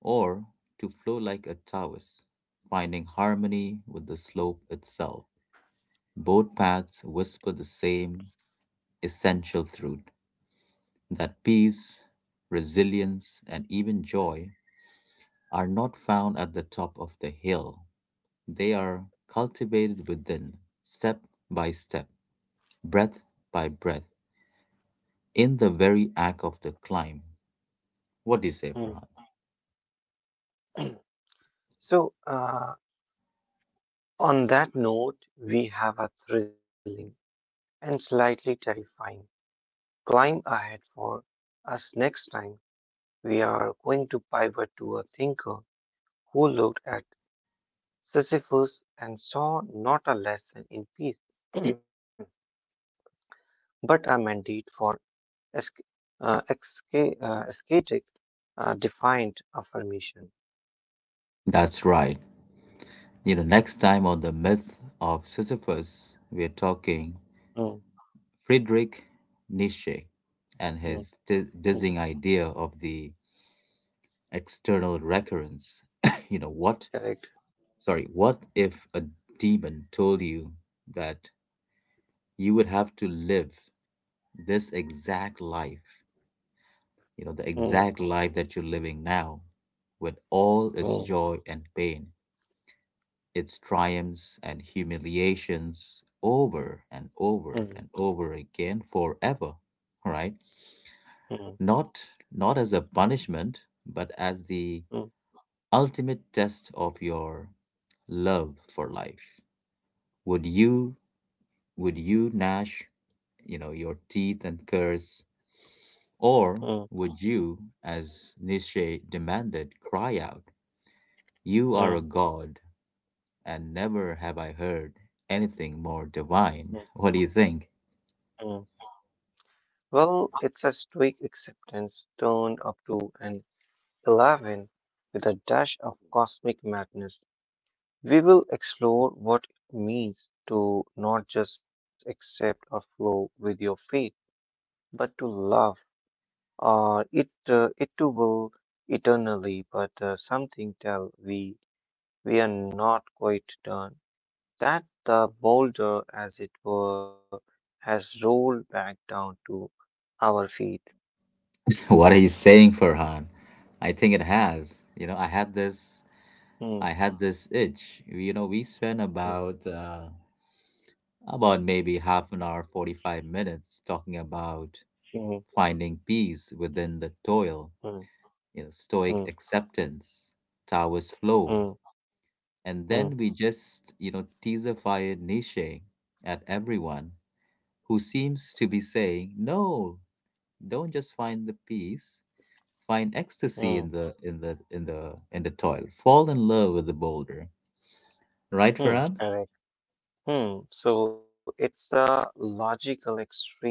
S1: or to flow like a Taoist, finding harmony with the slope itself. Both paths whisper the same essential truth, that peace, resilience, and even joy are not found at the top of the hill. They are cultivated within, step by step, breath by breath, in the very act of the climb. What do you say,
S2: hmm.
S1: Farhan?
S2: So, on that note, we have a thrilling and slightly terrifying. Climb ahead for us next time. We are going to pivot to a thinker who looked at Sisyphus and saw not a lesson in peace, but a mandate for esca- ascetic, defined affirmation.
S1: That's right. You know, next time on the myth of Sisyphus, we're talking
S2: Mm,
S1: Friedrich Nietzsche
S2: mm,
S1: and his
S2: mm,
S1: dizzying idea of the external recurrence. You know, what?
S2: correct.
S1: Sorry, what if a demon told you that you would have to live this exact life, you know, the
S2: Mm,
S1: exact life that you're living now, with all its
S2: mm,
S1: joy and pain, its triumphs and humiliations, over and
S2: mm,
S1: over and over again forever, right?
S2: mm,
S1: Not not as a punishment, but as the
S2: mm,
S1: ultimate test of your love for life. Would you would you gnash, you know, your teeth and curse, or
S2: mm,
S1: would you, as Nietzsche demanded, cry out, you are a
S2: mm,
S1: god, and never have I heard anything more
S2: mm,
S1: divine? What do you think?
S2: mm. Well, it's a stoic acceptance turned up to an 11 with a dash of cosmic madness. We will explore what it means to not just accept or flow with your fate, but to love it to will eternally. But something tell we are not quite done. That the boulder, as it were, has rolled back down to our feet.
S1: What are you saying, Farhan? I think it has. You know, I had this,
S2: Hmm,
S1: I had this itch. You know, we spent
S2: hmm,
S1: about maybe half an hour, 45 minutes talking about
S2: hmm.
S1: finding peace within the toil.
S2: Hmm.
S1: You know,
S2: Hmm.
S1: stoic acceptance, Taoist
S2: Hmm.
S1: flow, and
S2: Hmm.
S1: then we just, you know, teasified Nietzsche at everyone, who seems to be saying, no, don't just find the peace, find
S2: Hmm.
S1: ecstasy in the toil. Fall in love with the boulder. Right,
S2: mm,
S1: Farhan?
S2: correct. Hmm. So it's a logical extreme,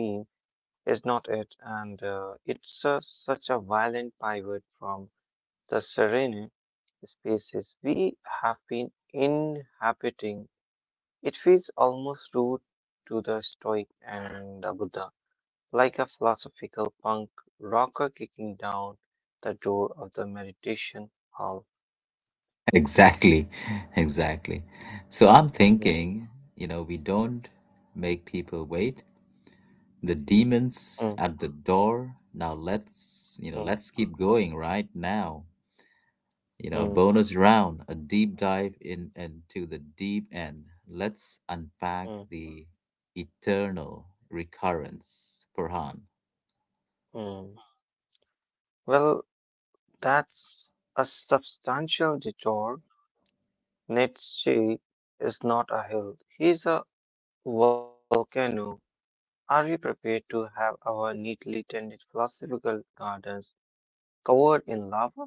S2: is not it? And it's such a violent pivot from the serene spaces we have been inhabiting. It feels almost rude to the Stoic and the Buddha, like a philosophical punk rocker kicking down the door of the meditation hall.
S1: Exactly. Exactly. So I'm
S2: Mm,
S1: thinking, you know, we don't make people wait. The
S2: mm,
S1: demon's at the door. Now let's, you
S2: mm,
S1: know, let's keep going right now. You know, a
S2: mm,
S1: bonus round, a deep dive in into the deep end. Let's unpack
S2: mm.
S1: the eternal recurrence, Farhan.
S2: Hmm. Well, that's a substantial detour. Nietzsche is not a hill, he's a volcano. Are we prepared to have our neatly tended philosophical gardens covered in lava?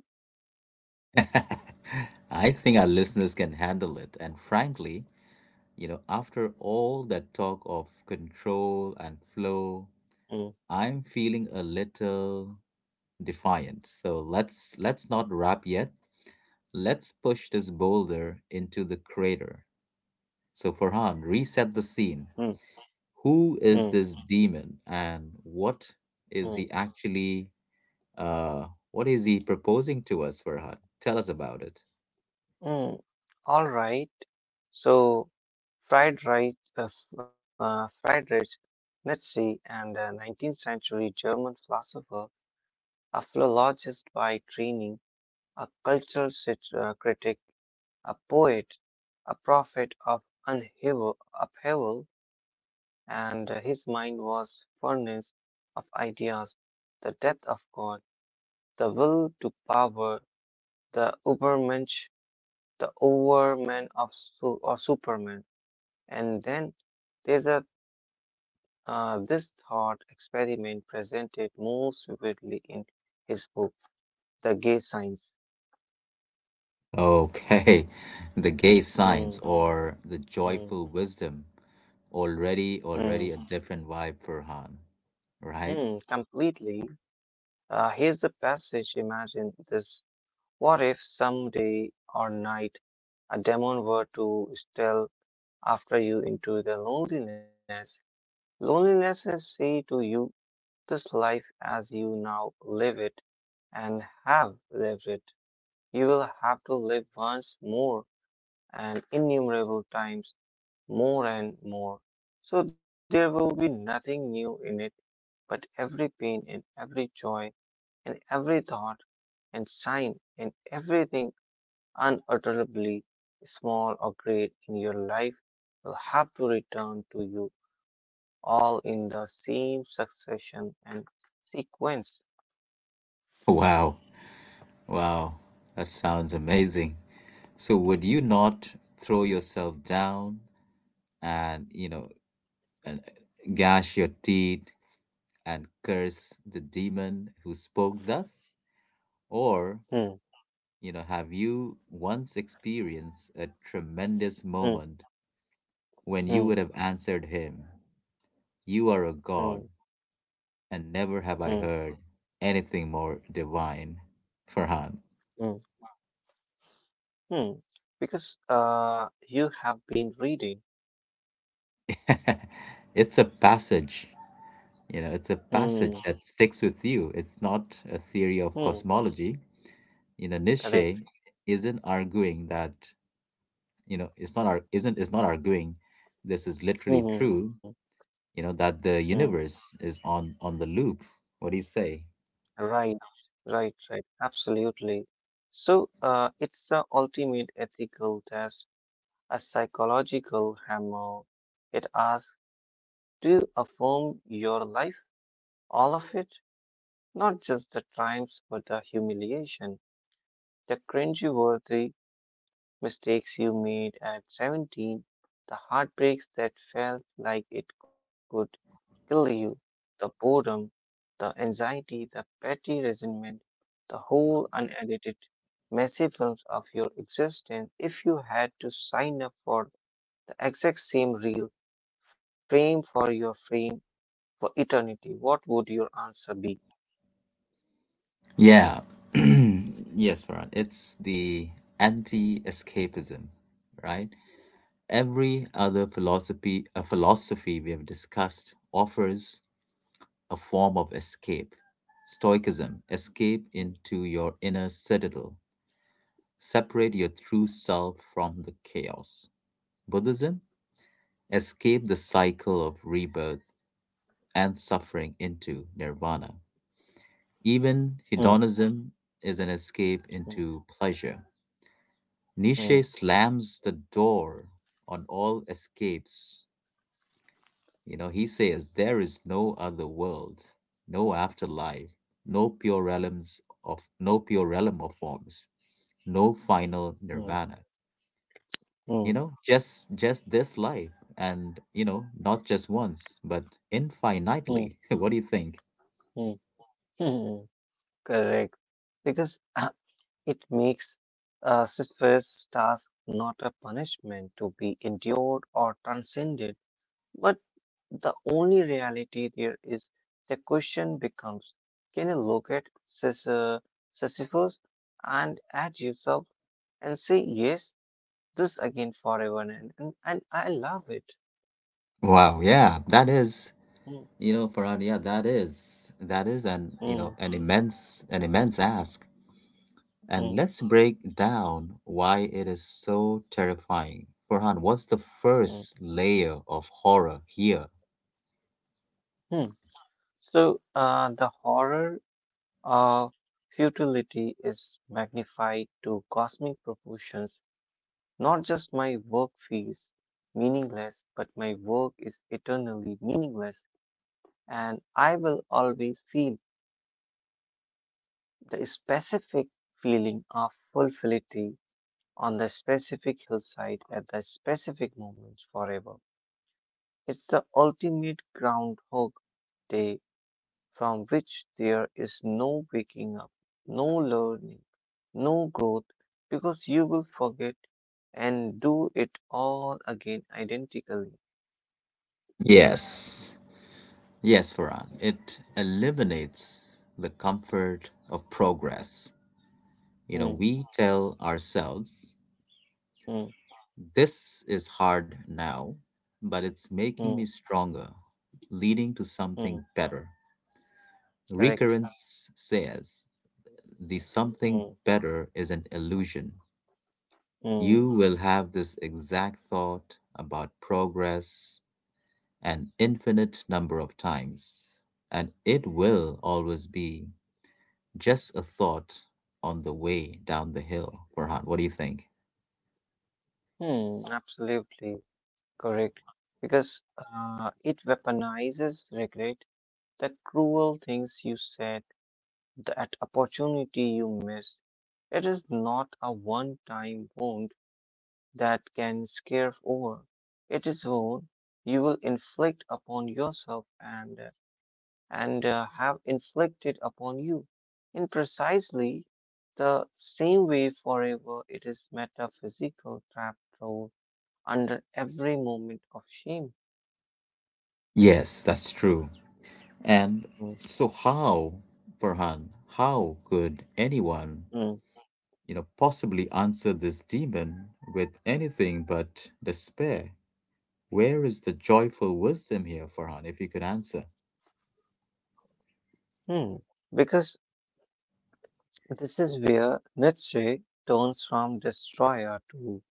S1: I think our listeners can handle it. And frankly, you know, after all that talk of control and flow,
S2: Mm,
S1: I'm feeling a little defiant. So let's not wrap yet. Let's push this boulder into the crater. So Farhan, reset the scene.
S2: mm,
S1: Who
S2: mm,
S1: is this demon, and
S2: mm,
S1: is he actually what is he proposing to us, Farhan? Tell us about it.
S2: mm. All right. So, fried rice, f- fried rice, Nietzsche, and a 19th century German philosopher, a philologist by training, a cultural critic, a poet, a prophet of upheaval, and his mind was furnace of ideas, the depth of God, the will to power, the Übermensch, the overman of su- or Superman. And then there's a this thought experiment presented most vividly in his book, The Gay Science.
S1: Okay, the gay signs
S2: Mm,
S1: or the
S2: mm,
S1: joyful wisdom. Already,
S2: mm.
S1: already a different vibe, Farhan,
S2: Hmm,
S1: right?
S2: completely. Here's the passage. Imagine this. What if someday or night a demon were to steal after you into the loneliness? Loneliness is say to you, this life as you now live it and have lived it. You will have to live once more and innumerable times more and more. So there will be nothing new in it, but every pain and every joy in every thought and sign, in everything unutterably small or great in your life will have to return to you all in the same succession and sequence.
S1: Wow, wow, that sounds amazing. So, would you not throw yourself down and, you know, and gash your teeth and curse the demon who spoke thus? Or,
S2: Hmm,
S1: you know, have you once experienced a tremendous
S2: hmm,
S1: moment when you
S2: hmm,
S1: would have answered him? You are a
S2: hmm,
S1: god, and never
S2: hmm,
S1: have I heard anything more divine, Farhan.
S2: hmm, hmm. Because you have been reading.
S1: It's a passage, you know, it's a
S2: Hmm,
S1: passage that sticks with you. It's not a theory
S2: hmm,
S1: of cosmology. You know,
S2: correct.
S1: Nietzsche isn't arguing that, you know, it's not ar- isn't is not arguing this is literally
S2: Hmm,
S1: true, you know, that
S2: hmm. hmm.
S1: the universe is on the loop. What do you say?
S2: Right, right. Absolutely. So it's the ultimate ethical test, a psychological hammer. It asks, do you affirm your life, all of it? Not just the triumphs, but the humiliation, the cringeworthy mistakes you made at 17, the heartbreaks that felt like it could kill you. The boredom, the anxiety, the petty resentment, the whole unedited, messy films of your existence if you had to sign up for the exact same reel, frame for your frame, for eternity, what would your answer be?
S1: Yeah. Yes, Farhan. It's the anti-escapism, right? Every other philosophy, a philosophy we have discussed, offers a form of escape. Stoicism, escape into your inner citadel. Separate your true self from the chaos. Buddhism, escape the cycle of rebirth and suffering into nirvana. Even
S2: Hmm,
S1: hedonism is an escape
S2: hmm,
S1: into pleasure.
S2: hmm,
S1: Nietzsche slams the door on all escapes. You know, he says there is no other world, no afterlife, no pure realm of forms, no final
S2: hmm,
S1: nirvana.
S2: hmm, hmm,
S1: You know, just this life, and you know, not just once, but
S2: hmm,
S1: infinitely. What do you think?
S2: hmm, hmm. Correct. Because it makes a first task not a punishment to be endured or transcended. But the only reality there is the question becomes, can you look at Sisyphus and at yourself and say, yes, this again forever and, I love it.
S1: Wow, yeah, that is,
S2: Hmm,
S1: you know, Farhan, yeah, that is an, you know,
S2: hmm,
S1: an immense ask. And
S2: hmm,
S1: let's break down why it is so terrifying. Farhan, what's the
S2: hmm,
S1: first layer of horror here?
S2: hmm. So the horror of futility is magnified to cosmic proportions. Not just my work feels meaningless, but my work is eternally meaningless, and I will always feel the specific feeling of fulfillity on the specific hillside at the specific moments forever. It's the ultimate groundhog day from which there is no waking up, no learning, no growth, because you will forget and do it all again identically.
S1: Yes. Yes, Farhan. It eliminates the comfort of progress. You know,
S2: Hmm,
S1: we tell ourselves,
S2: hmm,
S1: this is hard now, but it's making me
S2: hmm,
S1: stronger, leading to something
S2: hmm,
S1: better.
S2: correct.
S1: Recurrence says the something
S2: Hmm,
S1: better is an illusion. You
S2: hmm,
S1: will have this exact thought about progress an infinite number of times, and it will always be just a thought on the way down the hill. Farhan, what do you think?
S2: absolutely. Correct. Because it weaponizes regret, the cruel things you said, that opportunity you missed. It is not a one time wound that can scare over. It is wound you will inflict upon yourself and, have inflicted upon you. In precisely the same way, forever, it is metaphysical trap thrown under every moment of shame.
S1: Yes, that's true. And so how, Farhan, how could anyone,
S2: Mm.
S1: you know, possibly answer this demon with anything but despair? Where is the joyful wisdom here, Farhan, if you could answer?
S2: Hmm. Because this is where Nietzsche turns from destroyer to,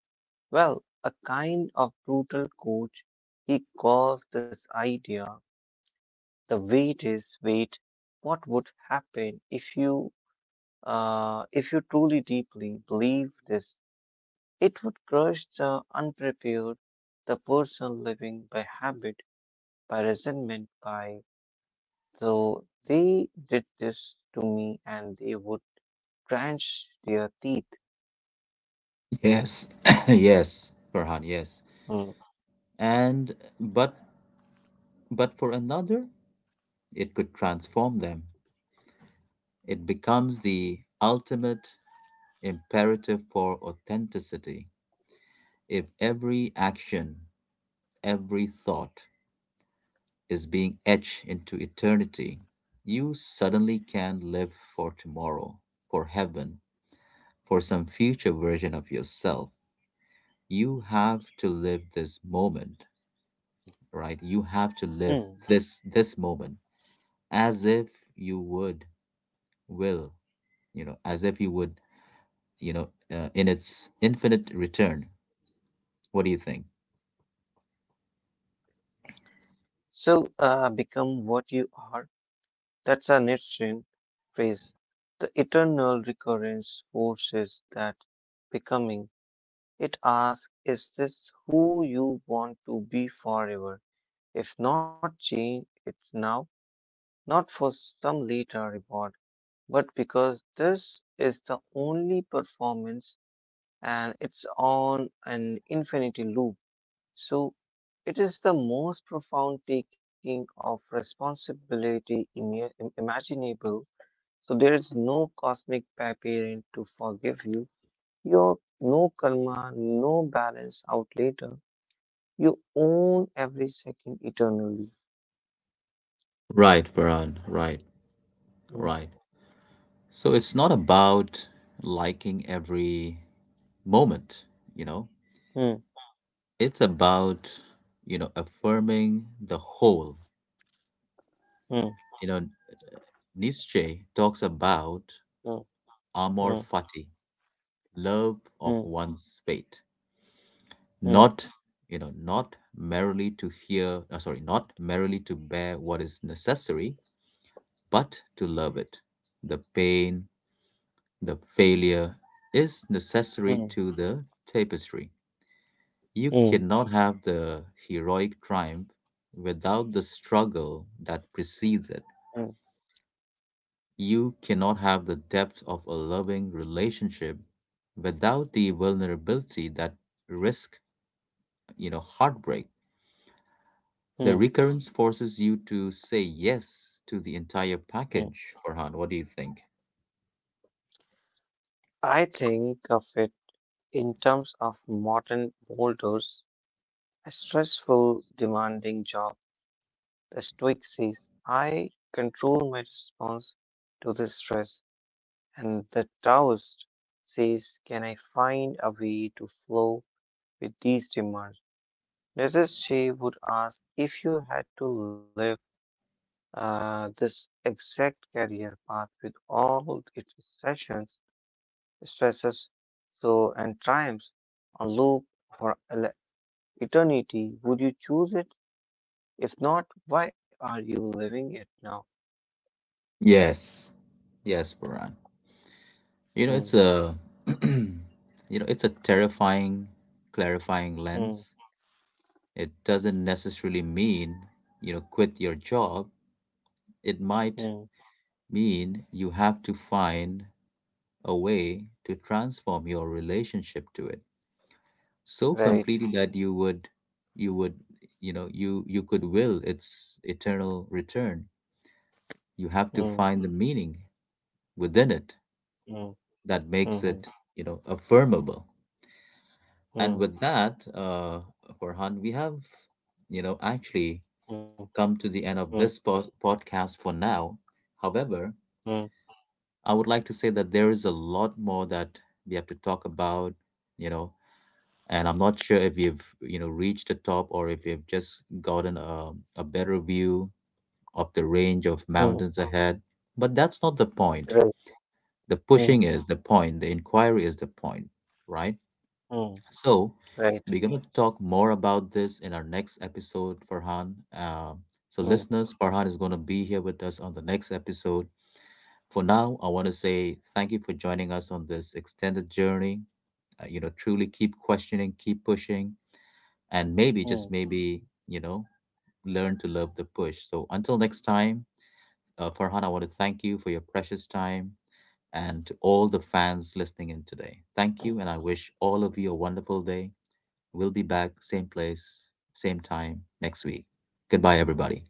S2: well, a kind of brutal coach. He calls this idea the weight is weight. What would happen if you truly deeply believe this? It would crush the unprepared, the person living by habit, by resentment, by so they did this to me, and they would clench their teeth.
S1: Yes, yes, Farhan, yes.
S2: Mhm.
S1: And but for another, it could transform them. It becomes the ultimate imperative for authenticity. If every action, every thought is being etched into eternity, you suddenly can live for tomorrow, for heaven, for some future version of yourself. You have to live this moment, right? You have to live this moment as if you would will, you know, as if you would, you know, in its infinite return. What do you think?
S2: So, become what you are. That's a Nietzschean phrase. The eternal recurrence forces that becoming. It asks, is this who you want to be forever? If not, change it now, not for some later reward, but because this is the only performance and it's on an infinity loop. So it is the most profound taking of responsibility imaginable. So there is no cosmic parent to forgive you. Your no karma, no balance out later. You own every second eternally.
S1: Right, Baran. Right,
S2: Mm,
S1: right. So it's not about liking every moment, you know.
S2: mm,
S1: It's about, you know, affirming the whole.
S2: mm,
S1: You know, Nietzsche talks about
S2: mm,
S1: amor
S2: mm,
S1: fati, love of
S2: mm,
S1: one's fate.
S2: mm,
S1: Not, you know, not merely to bear what is necessary, but to love it. The pain, the failure is necessary
S2: mm,
S1: to the tapestry. You
S2: mm,
S1: cannot have the heroic triumph without the struggle that precedes it.
S2: mm,
S1: You cannot have the depth of a loving relationship without the vulnerability, that risk, you know, heartbreak. The
S2: mm,
S1: recurrence forces you to say yes to the entire
S2: mm.
S1: package, Farhan. What do you think?
S2: I think of it in terms of modern boulders, a stressful, demanding job. The Stoic says, I control my response to this stress. And the Taoist says, can I find a way to flow with these demands? Mrs. Shea would ask, if you had to live this exact career path with all its sessions, stresses, so and triumphs on loop for eternity, would you choose it? If not, why are you living it now?
S1: Yes, yes, Farhan. You know,
S2: Hmm,
S1: it's a you know, it's a terrifying, clarifying
S2: hmm,
S1: lens. It doesn't necessarily mean, you know, quit your job. It
S2: hmm.
S1: might mean you have to find a way to transform your relationship to it so
S2: Right.
S1: completely that you would, you would you know, you could will its eternal return. You have to
S2: Mm,
S1: find the meaning within it
S2: mm,
S1: that makes it,
S2: mm,
S1: you know, affirmable. And
S2: mm,
S1: with that, Farhan, we have, you know, actually
S2: mm,
S1: come to the end
S2: mm,
S1: of this podcast for now. However,
S2: mm,
S1: I would like to say that there is a lot more that we have to talk about, you know, and I'm not sure if we've, you know, reached the top or if we've just gotten a, better view of the range of
S2: mm,
S1: mountains ahead. But that's not the point.
S2: Right.
S1: The
S2: mm,
S1: pushing is the point, the inquiry is the point, right?
S2: mm,
S1: So,
S2: Right.
S1: we're going to talk more about this in our next episode, Farhan. So,
S2: mm,
S1: listeners, Farhan is going to be here with us on the next episode. For now, I want to say thank you for joining us on this extended journey. You know, truly keep questioning, keep pushing, and maybe, just
S2: mm.
S1: maybe, you know, learn to love the push. So, until next time, Farhan, I want to thank you for your precious time, and to all the fans listening in today. Thank you, and I wish all of you a wonderful day. We'll be back, same place, same time next week. Goodbye, everybody.